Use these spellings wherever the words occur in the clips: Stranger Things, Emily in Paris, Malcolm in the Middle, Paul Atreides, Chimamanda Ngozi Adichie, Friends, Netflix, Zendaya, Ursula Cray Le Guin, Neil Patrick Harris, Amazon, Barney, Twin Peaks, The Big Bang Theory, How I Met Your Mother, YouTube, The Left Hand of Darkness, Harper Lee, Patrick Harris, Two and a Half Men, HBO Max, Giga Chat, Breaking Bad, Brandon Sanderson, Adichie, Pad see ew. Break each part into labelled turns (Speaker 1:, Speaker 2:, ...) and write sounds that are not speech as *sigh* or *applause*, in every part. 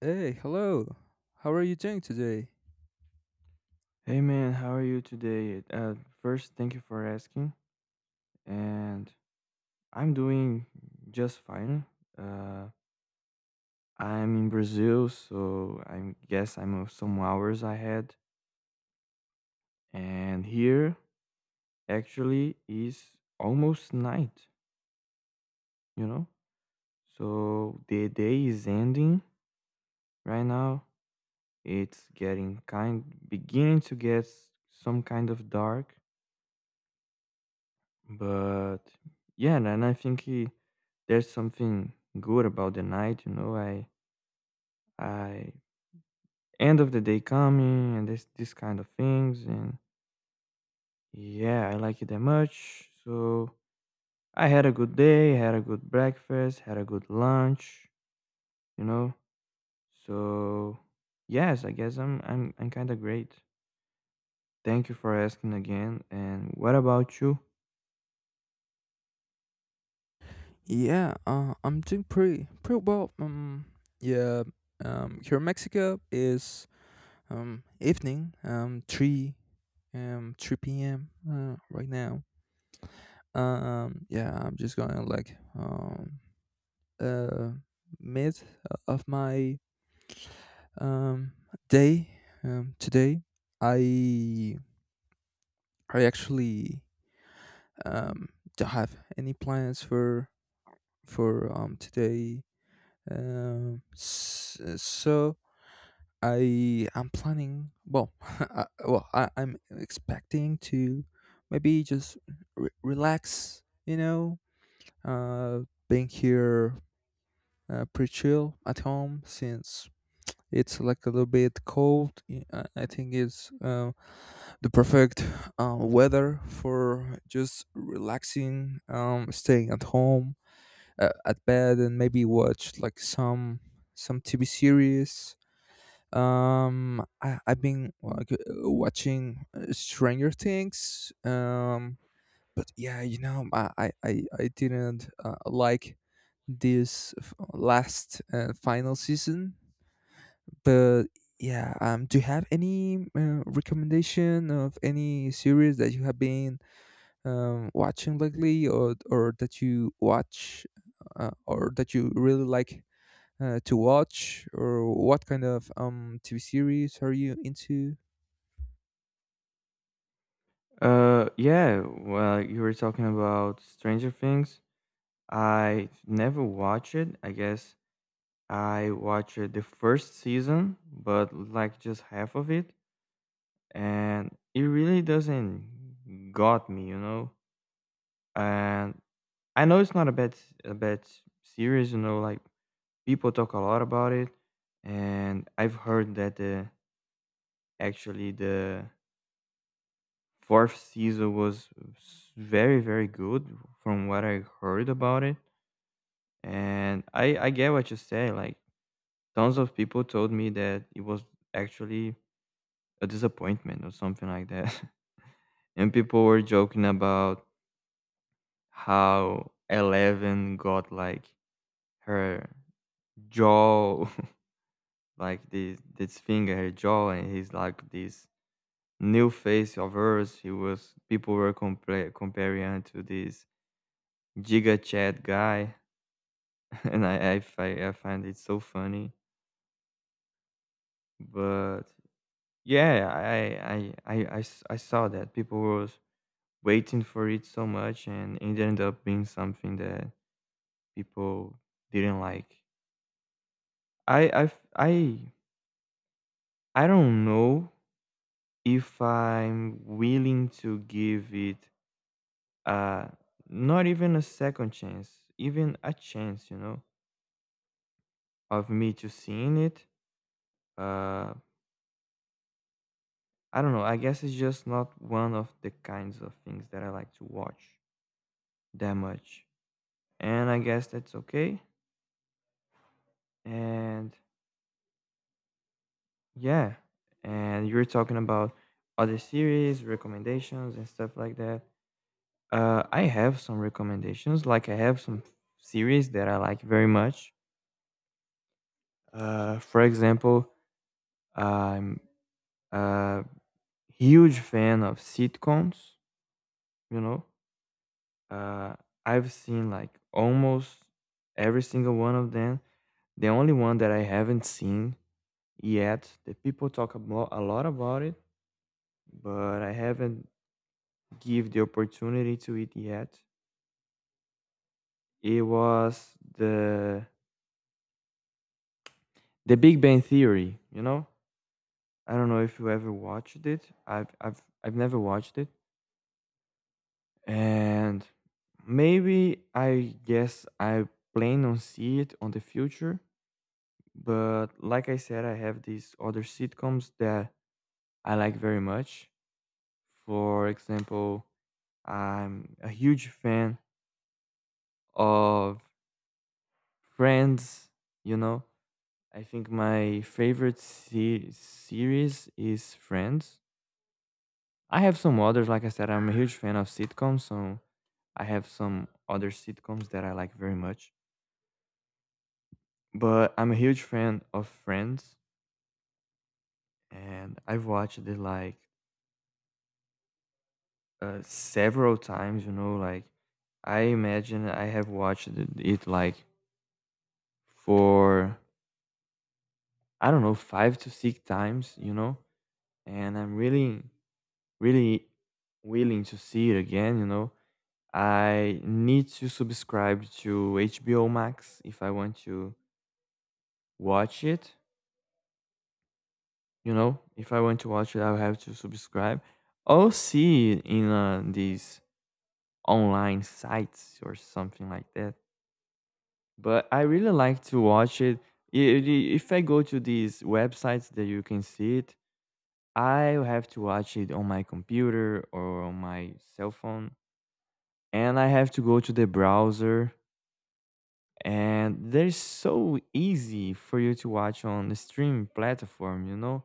Speaker 1: Hey, hello. How are you doing today?
Speaker 2: Hey man, how are you today? First, thank you for asking. And I'm doing just fine. Uh, I'm in Brazil, so I guess I'm of some hours ahead. And here actually is almost night, you know? So the day is ending right now. It's getting beginning to get some kind of dark. But yeah, and there's something good about the night, you know. I end of the day coming and this kind of things, and yeah, I like it that much. So I had a good day, had a good breakfast, had a good lunch, you know. So yes, I guess I'm kind of great. Thank you for asking again. And what about you?
Speaker 1: Yeah, I'm doing pretty well. Yeah, here in Mexico is evening, three p.m. Right now. Yeah, I'm just gonna like uh mid of my um day today. I I actually um don't have any plans for today. So I am planning. Well, *laughs* I'm expecting to maybe just relax. You know, uh, being here, pretty chill at home since it's like a little bit cold. I think it's the perfect weather for just relaxing, staying at home, at bed and maybe watch like some TV series. I've been like watching Stranger Things. But yeah, you know, I didn't like this f- last final season. But yeah, do you have any recommendation of any series that you have been watching lately, or that you watch, or that you really like to watch, or what kind of TV series are you into?
Speaker 2: Yeah. Well, you were talking about Stranger Things. I never watch it. I guess I watched the first season, but like just half of it, and it really doesn't got me, you know. And I know it's not a bad series, you know. Like people talk a lot about it, and I've heard that the actually the fourth season was very very good from what I heard about it. And I get what you say, like tons of people told me that it was actually a disappointment or something like that. *laughs* And people were joking about how Eleven got like her jaw, *laughs* like this finger, her jaw, and he's like this new face of hers. He was people were compla comparing her to this Giga Chat guy, *laughs* and I find it so funny. But yeah, I saw that people was waiting for it so much, and it ended up being something that people didn't like. i i i, I don't know if I'm willing to give it, uh not even a second chance, even a chance, you know, of me to seeing it. uh I don't know. I guess it's just not one of the kinds of things that I like to watch that much, and I guess that's okay. And yeah, and you're talking about other series recommendations and stuff like that. I have some recommendations. Like I have some series that I like very much. For example, I'm a huge fan of sitcoms. You know, uh, I've seen like almost every single one of them. The only one that I haven't seen yet, that people talk about a lot about it, but I haven't give the opportunity to it yet. It was the Big Bang Theory, you know? I don't know if you ever watched it. I've never watched it. And maybe I guess I plan on see it on the future. But like I said, I have these other sitcoms that I like very much. For example, I'm a huge fan of Friends, you know? I think my favorite series is Friends. I have some others. Like I said, I'm a huge fan of sitcoms, so I have some other sitcoms that I like very much. But I'm a huge fan of Friends, and I've watched it like several times. You know, like I imagine I have watched it, like, for I don't know, five to six times. You know, and I'm really, really willing to see it again. You know, I need to subscribe to HBO Max if I want to watch it. You know, if I want to watch it, I'll have to subscribe or see it in these online sites or something like that. But I really like to watch it. I- If I go to these websites that you can see it, I have to watch it on my computer or on my cell phone. And I have to go to the browser, and they're so easy for you to watch on the streaming platform. You know,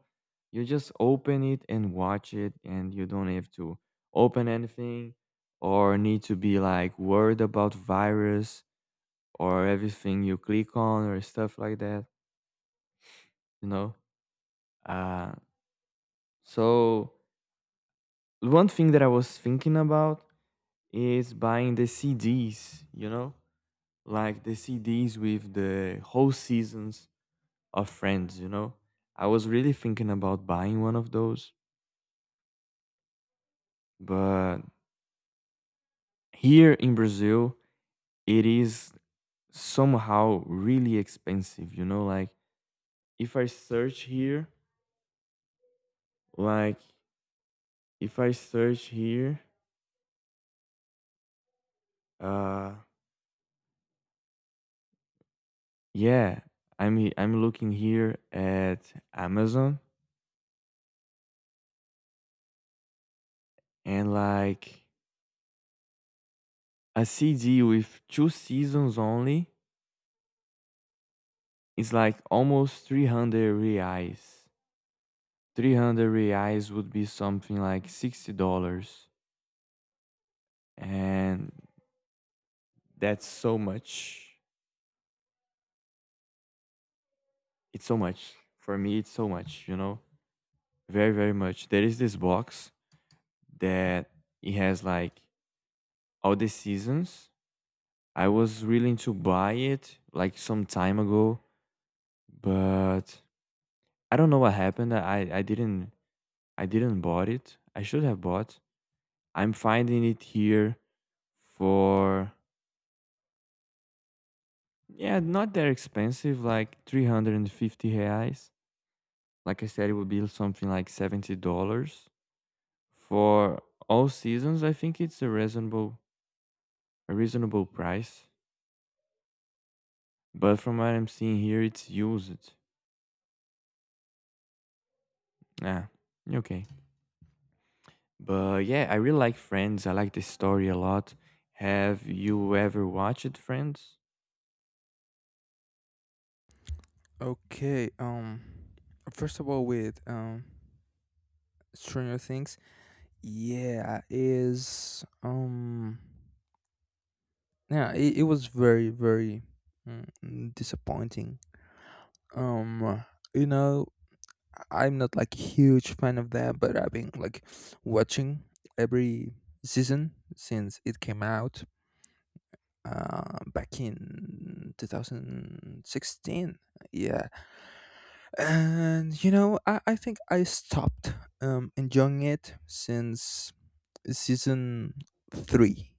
Speaker 2: you just open it and watch it, and you don't have to open anything or need to be like worried about virus or everything you click on or stuff like that, you know. uh, so one thing that I was thinking about is buying the CDs, you know, like the CDs with the whole seasons of friends, you know? I was really thinking about buying one of those, but here in Brazil, it is somehow really expensive, you know? Like, if I search here, like, if I search here, uh, yeah, I'm looking here at Amazon, and like a CD with two seasons only is like almost 300 reais. 300 reais would be something like $60, and that's so much. It's so much for me, it's so much, you know, very very much. There is this box that it has like all the seasons. I was willing to buy it like some time ago, but I don't know what happened. I didn't, I didn't bought it. I should have bought. I'm finding it here for yeah, not that expensive, like 350 reais. Like I said, it would be something like $70 for all seasons. I think it's a reasonable price. But from what I'm seeing here, it's used. Ah, okay. But yeah, I really like Friends. I like the story a lot. Have you ever watched Friends?
Speaker 1: Okay. First of all, with Stranger Things, yeah, is um. Yeah, it was very very, disappointing, um you know. I'm not like huge fan of that, but I've been like watching every season since it came out back in 2016. Yeah. And you know, I think I stopped enjoying it since season three.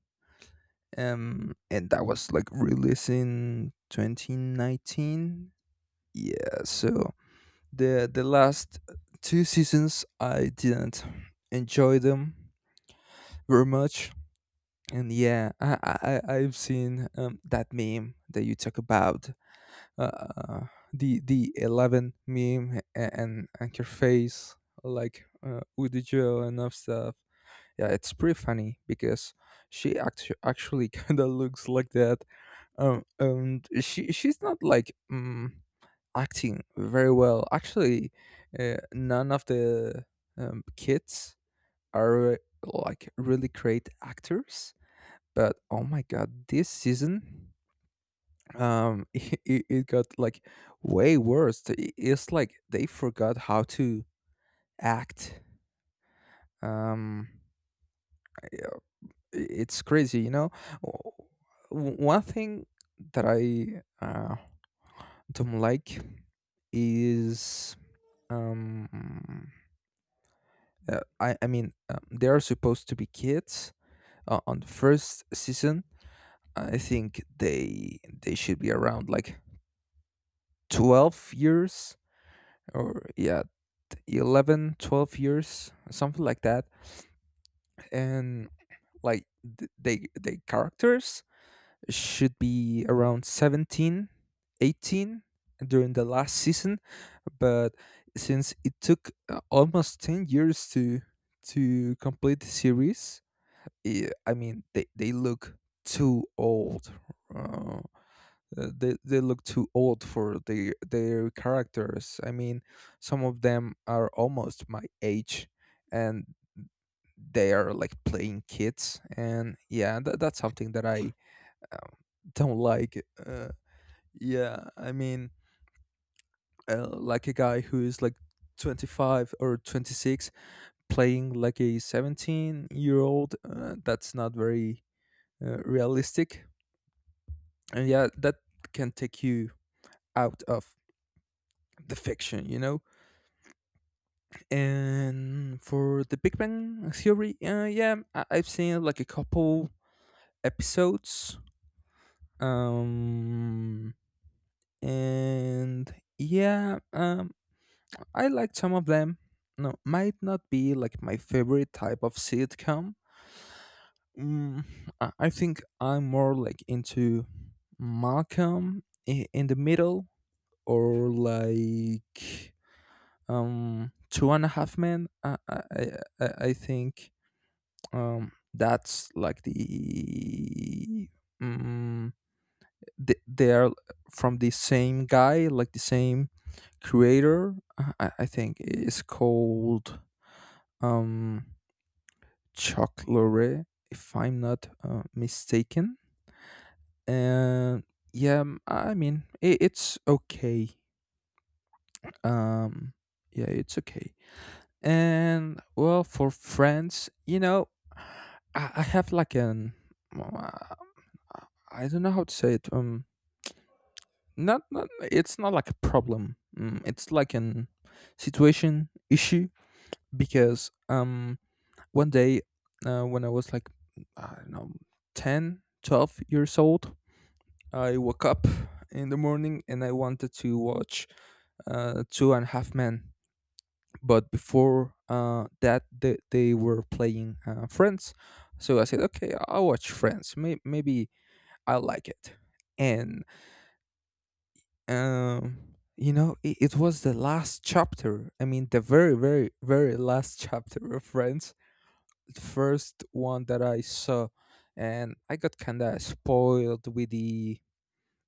Speaker 1: And that was like released in 2019. Yeah, so the last two seasons I didn't enjoy them very much. And yeah, I've seen, that meme that you talk about, uh, the eleven meme and her face like, Woody Joe and enough stuff. Yeah, it's pretty funny because actually *laughs* kind of looks like that. And she's not like acting very well. Actually, none of the kids are like really great actors, but oh my god, this season, *laughs* it got like way worse. It's like they forgot how to act. um yeah, it's crazy, you know. One thing that I, don't like is, um I mean, they are supposed to be kids on the first season. I think they should be around like 12 years or yeah, 11, 12 years, something like that. And like they characters should be around 17, 18 during the last season, but since it took almost 10 years to complete the series. Yeah, I mean, they look too old. Uh, they look too old for their characters. I mean, some of them are almost my age, and they are like playing kids. And yeah, that's something that I, um, don't like. Yeah, I mean, like a guy who is like 25 or 26 playing like a 17 year old. That's not very realistic, and yeah, that can take you out of the fiction, you know. And for the Big Bang Theory, yeah, I've seen like a couple episodes. um and yeah, I liked some of them. No, might not be like my favorite type of sitcom. mm, I think I'm more like into Malcolm in the Middle, or like Two and a Half Men. I think that's like the, um, they are from the same guy, like the same creator. I think it's called um Chocolate if I'm not mistaken. And yeah, it's okay. um yeah, it's okay. And well, for Friends, you know, I have like an, well, uh, I don't know how to say it. Not it's not like a problem. It's like an situation issue because one day, when I was like, I don't know, 10, 12 years old, I woke up in the morning and I wanted to watch Two and a Half Men, but before that they were playing Friends. So I said, okay, I'll watch Friends. Maybe I like it. And you know, it was the last chapter, I mean the very very very last *laughs* chapter of Friends, the first one that I saw. And I got kind of spoiled with the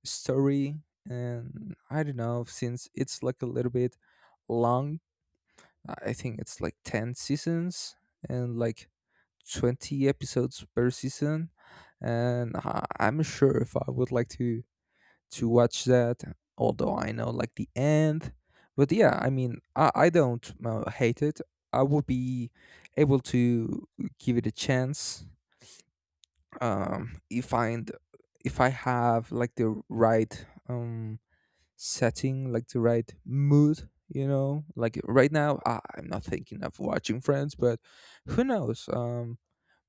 Speaker 1: story. And I don't know, since it's like a little bit long, I think it's like 10 seasons and like 20 episodes per season. And I'm sure if I would like to watch that, although I know like the end. But yeah, I mean, I don't hate it. I would be able to give it a chance, um, if I if I have like the right, um, setting, like the right mood, you know. Like right now, I'm not thinking of watching Friends. But who knows, um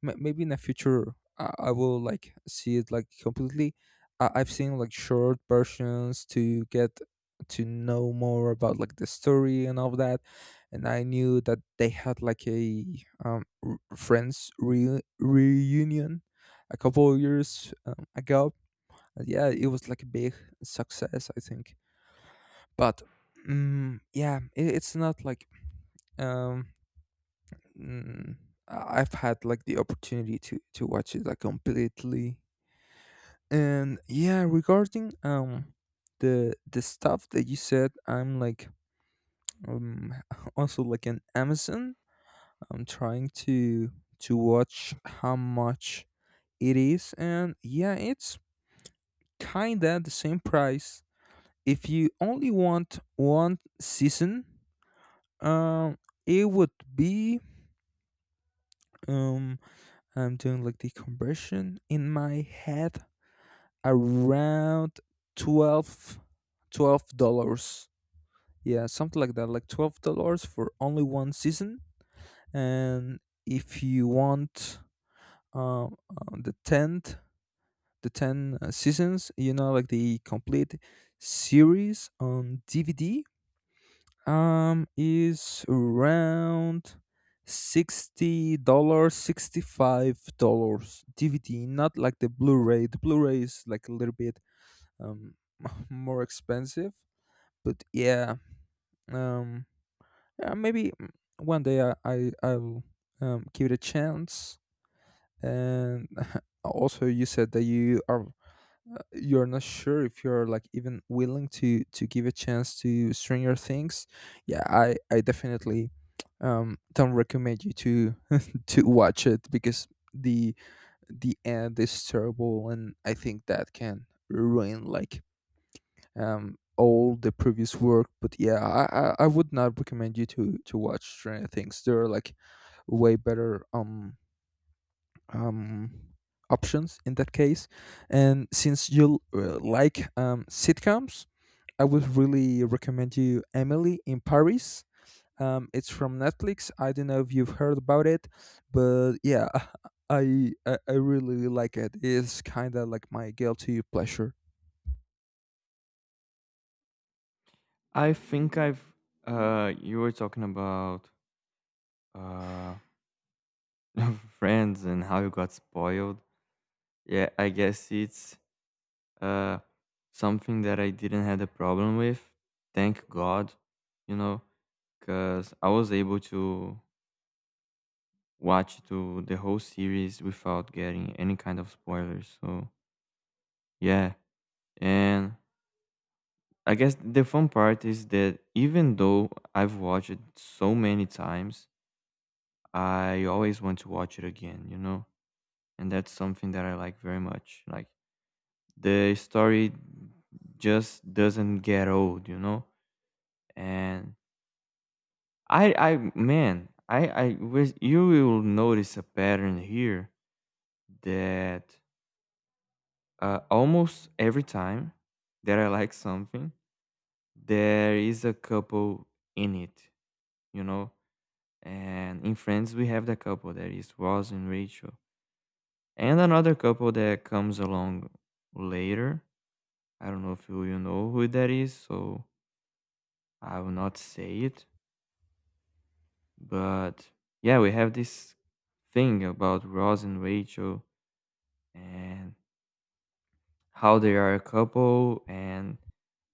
Speaker 1: m- maybe in the future I will like see it like completely. I've seen like short versions to get to know more about like the story and all that. And I knew that they had like a, Friends reunion a couple of years, ago. And yeah, it was like a big success, I think. But yeah, it's not like, um, mm, I've had like the opportunity to watch it like completely. And yeah, regarding the stuff that you said, I'm like um *laughs* also like an Amazon. I'm trying to watch how much it is, and yeah, it's kinda the same price. If you only want one season, um, it would be, um I'm doing like the conversion in my head, around 12, $12. Yeah, something like that, like $12 for only one season. And if you want, uh, uh, the 10th the 10 seasons, you know, like the complete series on DVD, is around $60, $65, DVD, not like the Blu-ray. The Blu-ray is like a little bit, um *laughs* more expensive. But yeah, um, yeah, maybe, one day I'll give it a chance. And *laughs* also, you said that you're not sure if you're like even willing to give a chance to Stranger Things. Yeah, I definitely, don't recommend you to *laughs* to watch it because the the end is terrible, and I think that can ruin like, all the previous work. But yeah, I would not recommend you to watch Stranger Things. There are like way better, um, options in that case. And since you like sitcoms, I would really recommend you Emily in Paris. It's from Netflix. I don't know if you've heard about it, but yeah, *laughs* I really like it. It's kind of like my guilty pleasure.
Speaker 2: I think I've You were talking about uh *laughs* friends and how you got spoiled. Yeah, I guess it's uh something that I didn't had a problem with. Thank God, you know, because I was able to watch to the whole series without getting any kind of spoilers. So yeah, and I guess the fun part is that even though I've watched it so many times, I always want to watch it again. You know, and that's something that I like very much. Like the story just doesn't get old, you know. And man, I wish you will notice a pattern here that almost every time that I like something, there is a couple in it, you know. And in Friends, we have the couple that is Ross and Rachel, and another couple that comes along later. I don't know if you, you know who that is, so I will not say it. But yeah, we have this thing about Ross and Rachel, and how they are a couple, and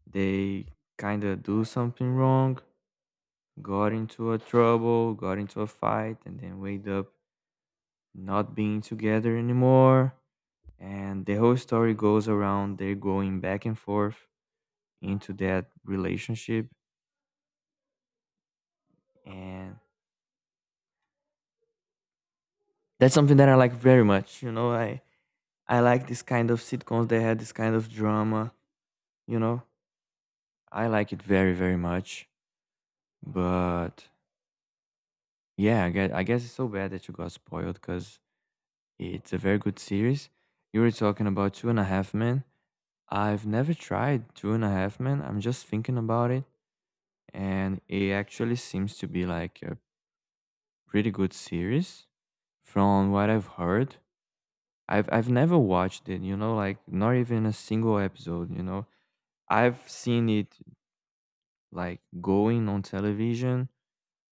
Speaker 2: they kind of do something wrong, got into a trouble, got into a fight, and then wake up not being together anymore. And the whole story goes around they're going back and forth into that relationship. And that's something that I like very much. You know, I like this kind of sitcoms that had this kind of drama, you know? I like it very, very much. But yeah, I guess it's so bad that you got spoiled because it's a very good series. You were talking about Two and a Half Men. I've never tried Two and a Half Men. I'm just thinking about it. And it actually seems to be like a pretty good series from what I've heard. I've never watched it, you know, like not even a single episode, you know. I've seen it like going on television.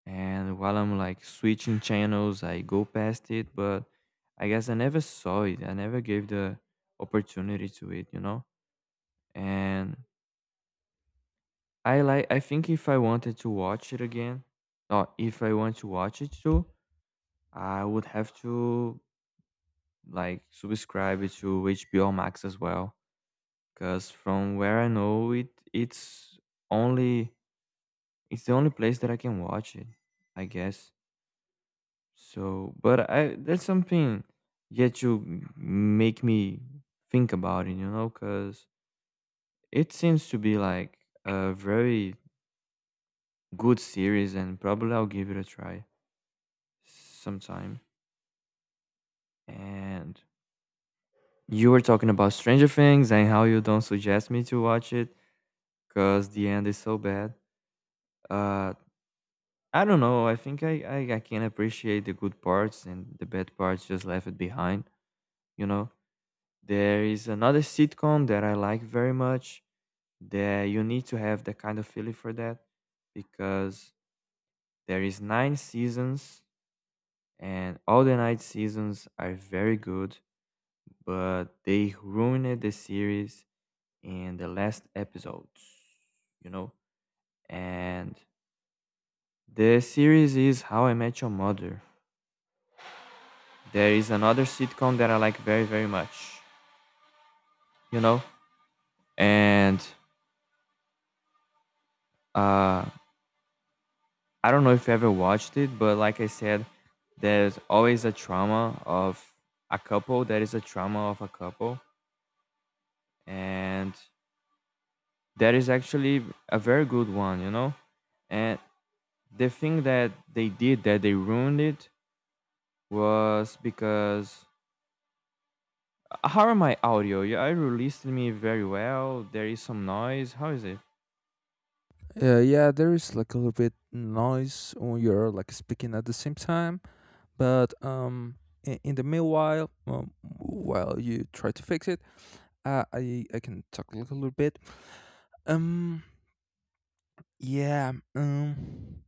Speaker 2: And while I'm like switching channels, I go past it, but I guess I never saw it. I never gave the opportunity to it, you know? And I think if I wanted to watch it again, or if I want to watch it too, I would have to like subscribe it to HBO Max as well. Cause from where I know it, only it's the only place that I can watch it, I guess. So, but I that's something yet you make me think about it, you know, because it seems to be like a very good series, and probably I'll give it a try sometime. And you were talking about Stranger Things and how you don't suggest me to watch it because the end is so bad. Uh, I don't know. I think I I can appreciate the good parts and the bad parts just left it behind, you know. There is another sitcom that I like very much that you need to have that kind of feeling for, that because there is nine seasons and all the nine seasons are very good, but they ruined the series in the last episodes, you know? And the series is How I Met Your Mother. There is another sitcom that I like very, very much, you know? And uh I don't know if you ever watched it, but like I said, there's always a trauma of a couple. There is a trauma of a couple, and that is actually a very good one, you know. And the thing that they did that they ruined it was because, how are my audio? Yeah, I released me very well. There is some noise. How is it?
Speaker 1: Yeah, there is like a little bit noise when you're like speaking at the same time, but in the meanwhile, while you try to fix it, I can talk like a little bit. Um, yeah,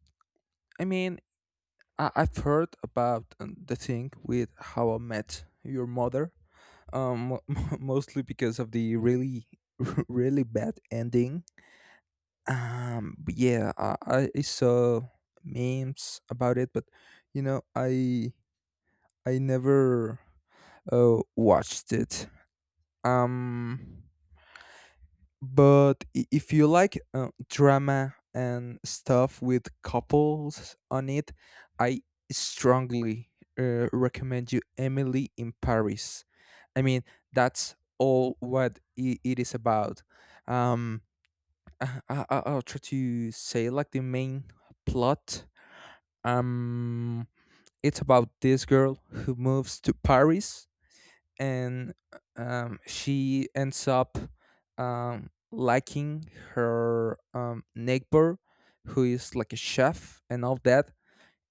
Speaker 1: I mean, I've heard about, the thing with How I Met Your Mother, um, *laughs* mostly because of the really *laughs* really bad ending. But yeah, I saw memes about it. But you know, I never watched it. um but if you like drama and stuff with couples on it, I strongly, recommend you Emily in Paris. I mean, that's all what I it is about. um I'll try to say like the main plot. Um, it's about this girl who moves to Paris, and she ends up, liking her, neighbor who is like a chef and all that.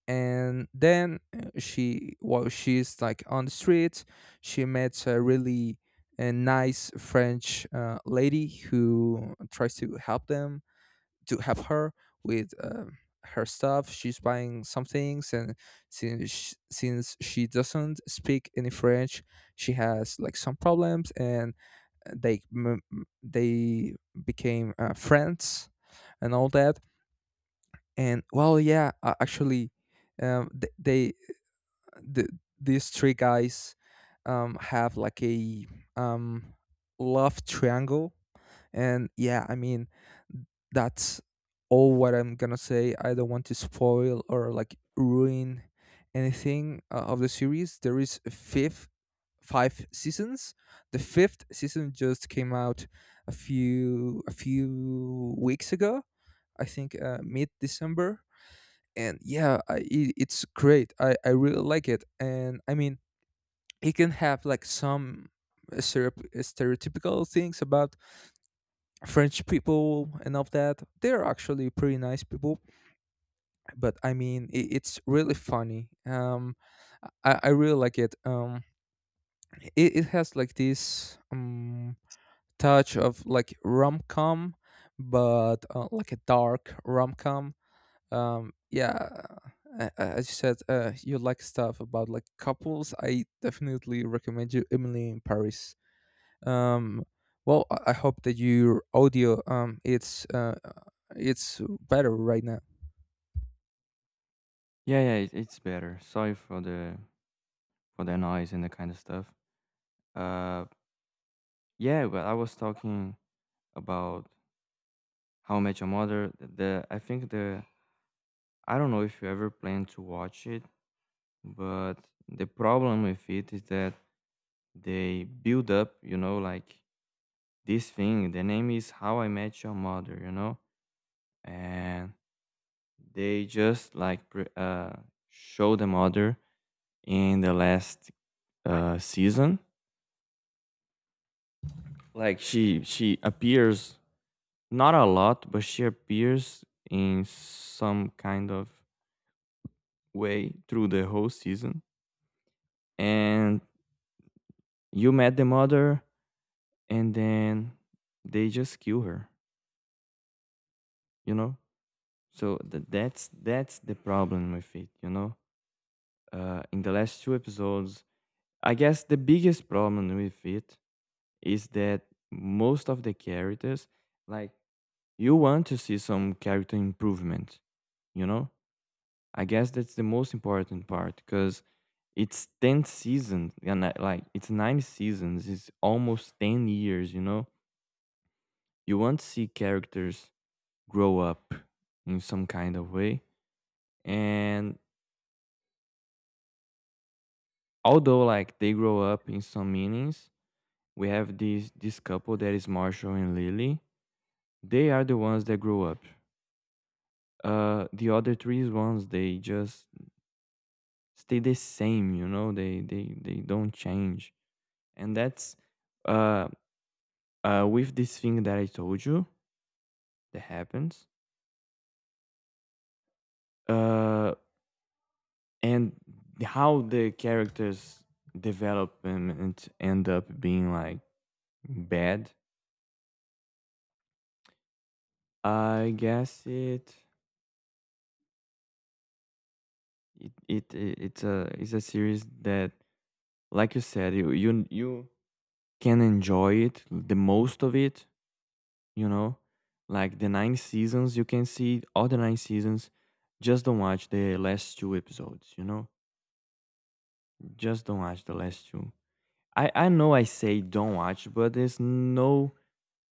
Speaker 1: And then while she's like on the street, she meets a really, a nice French, lady who tries to help them to help her with her stuff. She's buying some things, and since she doesn't speak any French, she has like some problems, and they became friends and all that. And well, yeah, actually, um, th- they the, these three guys, have like a, um, love triangle. And yeah, I mean, that's all what I'm gonna say. I don't want to spoil or like ruin anything of the series. There is a fifth five seasons. The fifth season just came out a few weeks ago. I think, mid December. And yeah, it's great. I really like it. And I mean, it can have like some stereotypical things about French people and of that. They're actually pretty nice people, but I mean, it's really funny. I really like it. It has like this touch of like rom com, but like a dark rom com. Um, yeah. As you said, you like stuff about like couples. I definitely recommend you Emily in Paris. Um well i I hope that your audio it's better right now.
Speaker 2: Yeah, yeah, it's better. Sorry for the noise and the kind of stuff. Uh, yeah, but I was talking about How I Met Your Mother. The I think the I don't know if you ever plan to watch it, but the problem with it is that they build up, like this thing. The name is How I Met Your Mother, and they just like show the mother in the last season. Like she appears not a lot, but she appears in some kind of way through the whole season, and you met the mother, and then they just kill her you know so that's the problem with it in the last two episodes. I guess the biggest problem with it is that most of the characters, like, you want to see some character improvement you know i guess that's the most important part because it's 10th season and like, it's nine seasons, it's almost 10 years. You want to see characters grow up in some kind of way. And although, like, they grow up in some meanings, we have this couple that is Marshall and Lily. They are the ones that grow up. The other three ones, they just stay the same. They don't change. And that's uh with this thing that I told you, that happens, uh and how the characters development end up being like bad. I guess it it i- it's a series that, like you said, you can enjoy it the most of it. You know, like the nine seasons, you can see all the nine seasons. Just don't watch the last two episodes. Just don't watch the last two. I know I say don't watch, but there's no,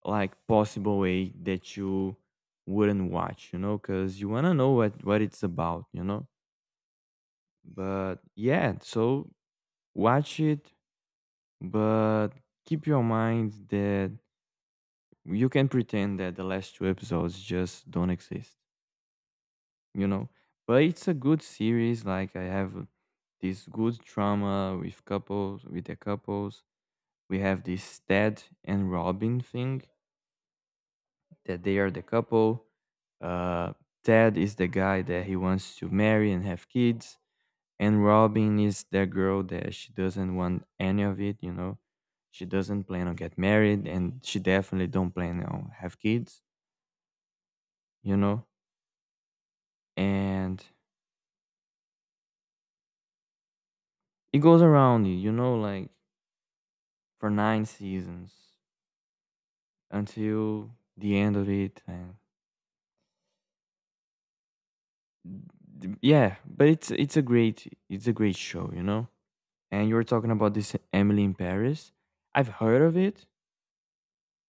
Speaker 2: like, possible way that you wouldn't watch. You know, because you wanna know what it's about. But yeah, so watch it, but keep your mind that you can pretend that the last two episodes just don't exist, you know? But it's a good series. Like, I have this good drama with couples, with the couples. We have this Ted and Robin thing that they are the couple. Uh, Ted is the guy that he wants to marry and have kids. And Robin is that girl that she doesn't want any of it. She doesn't plan on get married, and she definitely don't plan on have kids, you know. And it goes around you, like, for nine seasons until the end of it, and yeah, but it's a great show. And you were talking about this Emily in Paris. I've heard of it,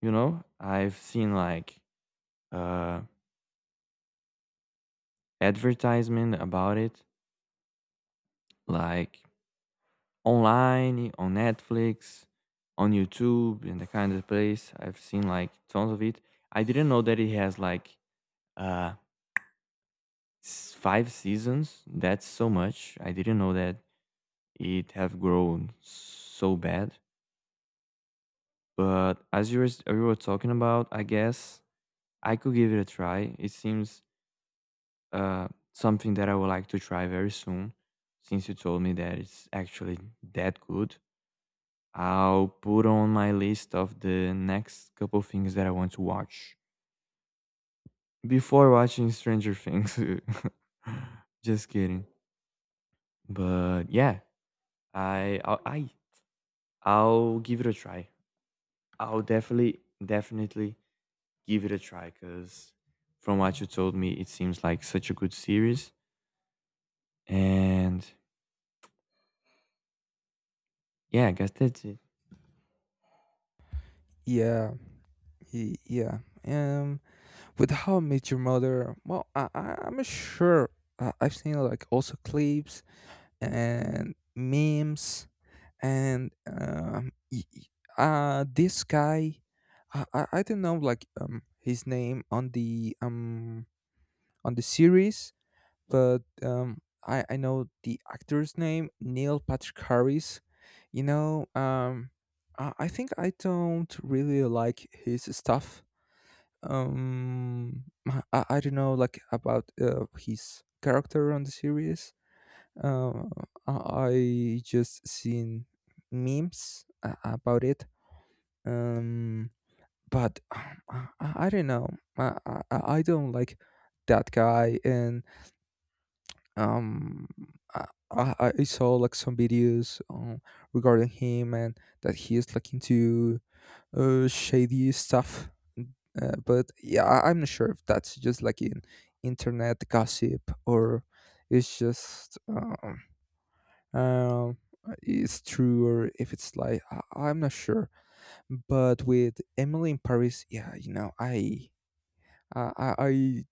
Speaker 2: you know. I've seen, like, uh advertisement about it, like, online, on Netflix, on YouTube, in the kind of place. I've seen like tons of it. I didn't know that it has like uh five seasons. That's so much. I didn't know that it have grown so bad. But as you were talking about, I guess I could give it a try. It seems uh something that I would like to try very soon, since you told me that it's actually that good. I'll put on my list of the next couple things that I want to watch before watching Stranger Things. *laughs* Just kidding. But yeah, I I'll, I will give it a try. I'll definitely definitely give it a try, cuz from what you told me it seems like such a good series. And yeah, I guess that's it.
Speaker 1: Yeah y- yeah um with How I Met Your Mother, I'm not sure. I've seen like also clips and memes, and this guy, I don't know like his name on the series, but I know the actor's name, Neil Patrick Harris. You know, I think I don't really like his stuff. I don't know like about his character on the series. Uh, I just seen memes about it. Um, but I don't know. I, I don't like that guy. And um I, I I saw like some videos regarding him and that he is like into shady stuff. But yeah, I'm not sure if that's just like in internet gossip or it's just um it's true or if it's like, I'm not sure. But with Emily in Paris, yeah, you know, I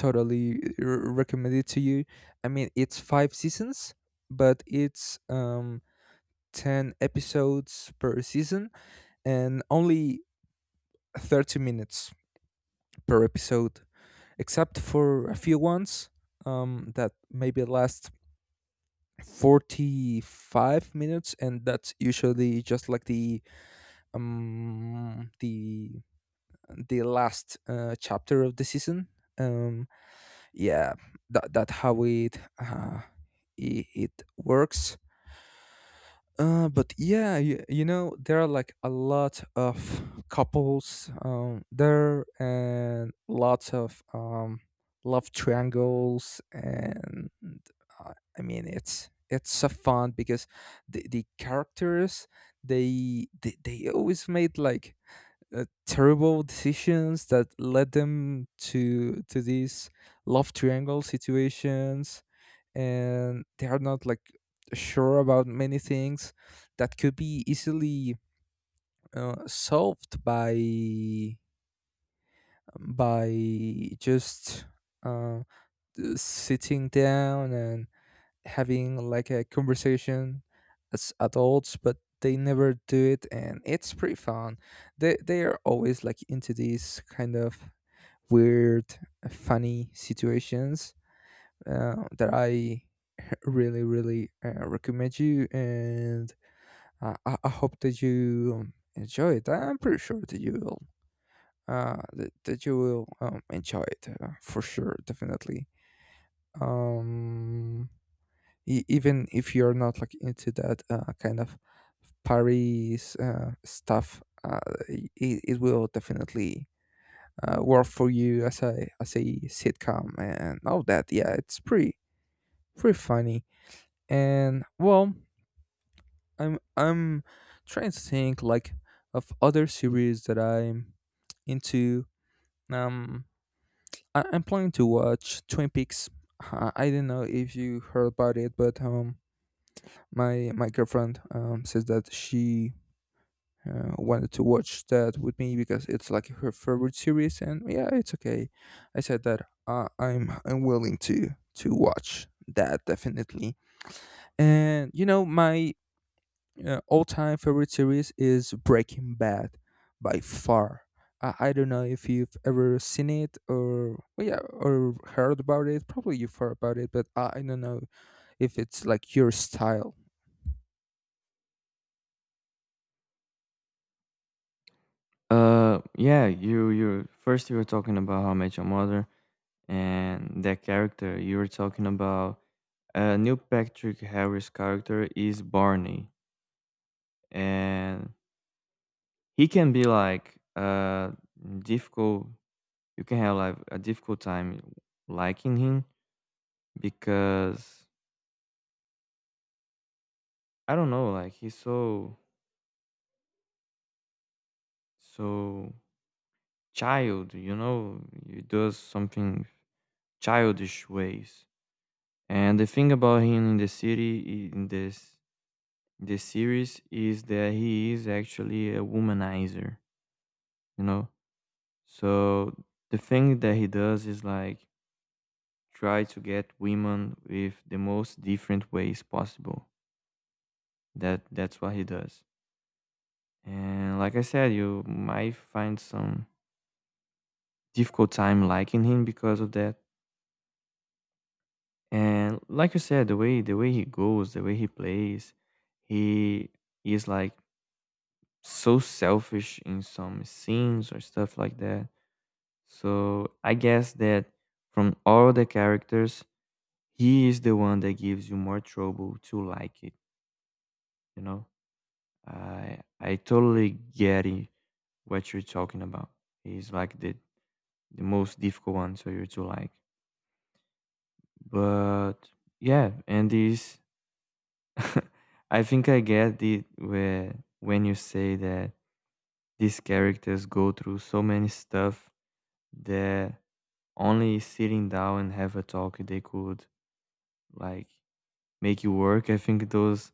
Speaker 1: totally recommend it to you. I mean, it's five seasons, but it's 10 episodes per season and only 30 minutes per episode, except for a few ones that maybe last 45 minutes, and that's usually just like um the the last chapter of the season. Um yeah that that how it works. But yeah, you know, there are like a lot of couples there and lots of love triangles. And uh, i mean, it's so fun because the characters, they always made like terrible decisions that led them to these love triangle situations, and they are not like sure about many things that could be easily solved by just uh, sitting down and having like a conversation as adults, but they never do it. And it's pretty fun. They are always like into these kind of weird, funny situations that I really, really recommend you. And I hope that you enjoy it. I'm pretty sure that you will. That you will enjoy it, for sure, definitely. Um, Even if you're not like into that kind of Paris stuff, it will definitely work for you as a sitcom and all that. Yeah, it's pretty funny. And well, I'm trying to think like of other series that I'm into. Um, I'm planning to watch Twin Peaks. I don't know if you heard about it, but my girlfriend says that she wanted to watch that with me because it's like her favorite series, and yeah, it's okay. I said that I'm willing to watch that, definitely. And you know, my all-time favorite series is Breaking Bad, by far. I don't know if you've ever seen it or, well, yeah, or heard about it. Probably you've heard about it, but I don't know if it's like your style
Speaker 2: Yeah, you first, you were talking about How I Met Your Mother, and that character you were talking about, A new Patrick Harris character is Barney, and he can be like difficult. You can have like a difficult time liking him because I don't know, like, he's so so child. You know, he does something childish ways. And the thing about him in the city in this the series is that he is actually a womanizer. You know, so the thing that he does is like try to get women with the most different ways possible. That's what he does. And like I said, you might find some difficult time liking him because of that. And like you said, the way he goes, the way he plays, he is, like, so selfish in some scenes or stuff like that. So I guess that from all the characters he is the one that gives you more trouble to like it you know i i totally get it, what you're talking about. He's like the most difficult one, so you're to like. But yeah, and this. *laughs* I think I get it, where when you say that these characters go through so many stuff that only sitting down and have a talk they could, like, make it work. I think those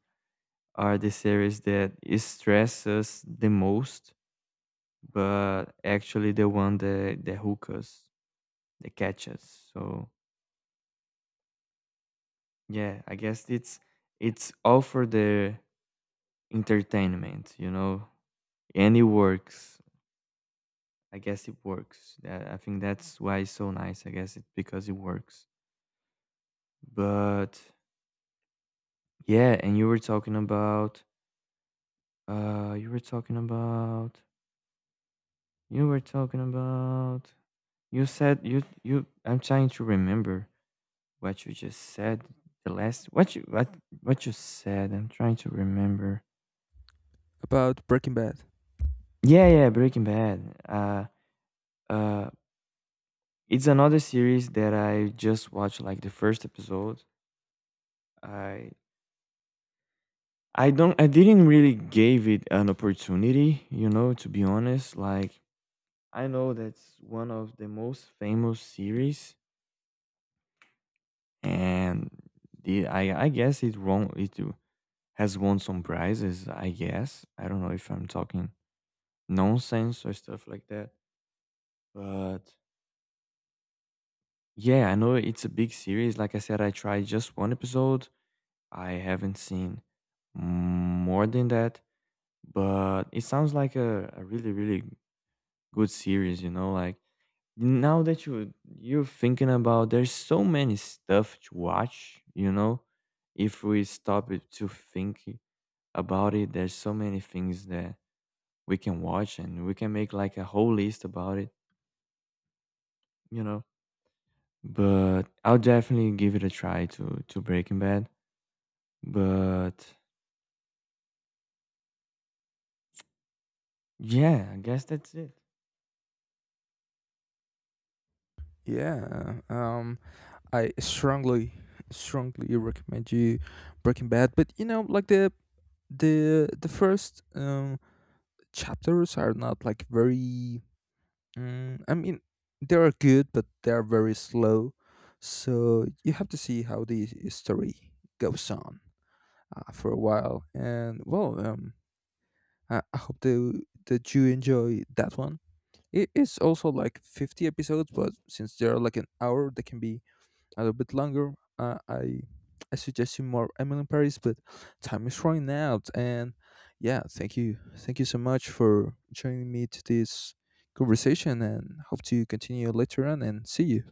Speaker 2: are the series that stress us the most, but actually the one that hook us, that catch us. So yeah, I guess it's all for the entertainment, you know, and it works. I guess it works. I think that's why it's so nice. I guess it's because it works. But yeah, and you were talking about uh you were talking about you were talking about you said you I'm trying to remember what you just said, the last what you said, I'm trying to remember.
Speaker 1: about Breaking Bad.
Speaker 2: Yeah, yeah, Breaking Bad. Uh it's another series that I just watched like the first episode. I I didn't really gave it an opportunity, you know, to be honest. Like, I know that's one of the most famous series, and the I guess it won it has won some prizes, I guess. I don't know if I'm talking nonsense or stuff like that. But yeah, I know it's a big series. Like I said, I tried just one episode. I haven't seen more than that, but it sounds like a really, really good series, you know, like now that you're thinking about, there's so many stuff to watch, you know. If we stop it to think about it, there's so many things that we can watch and we can make like a whole list about it, you know. But I'll definitely give it a try to Breaking Bad. But yeah, I guess that's it.
Speaker 1: Yeah, I strongly, strongly recommend you Breaking Bad. But you know, like the first chapters are not like very, I mean, they are good, but they are very slow. So you have to see how the story goes on for a while. And well, I hope that, that you enjoy that one. It is also like 50 episodes, but since they're like an hour, they can be a little bit longer. Uh, I I suggest you more Emily in Paris, but time is running out. And yeah, thank you so much for joining me to this conversation, and hope to continue later on. And see you.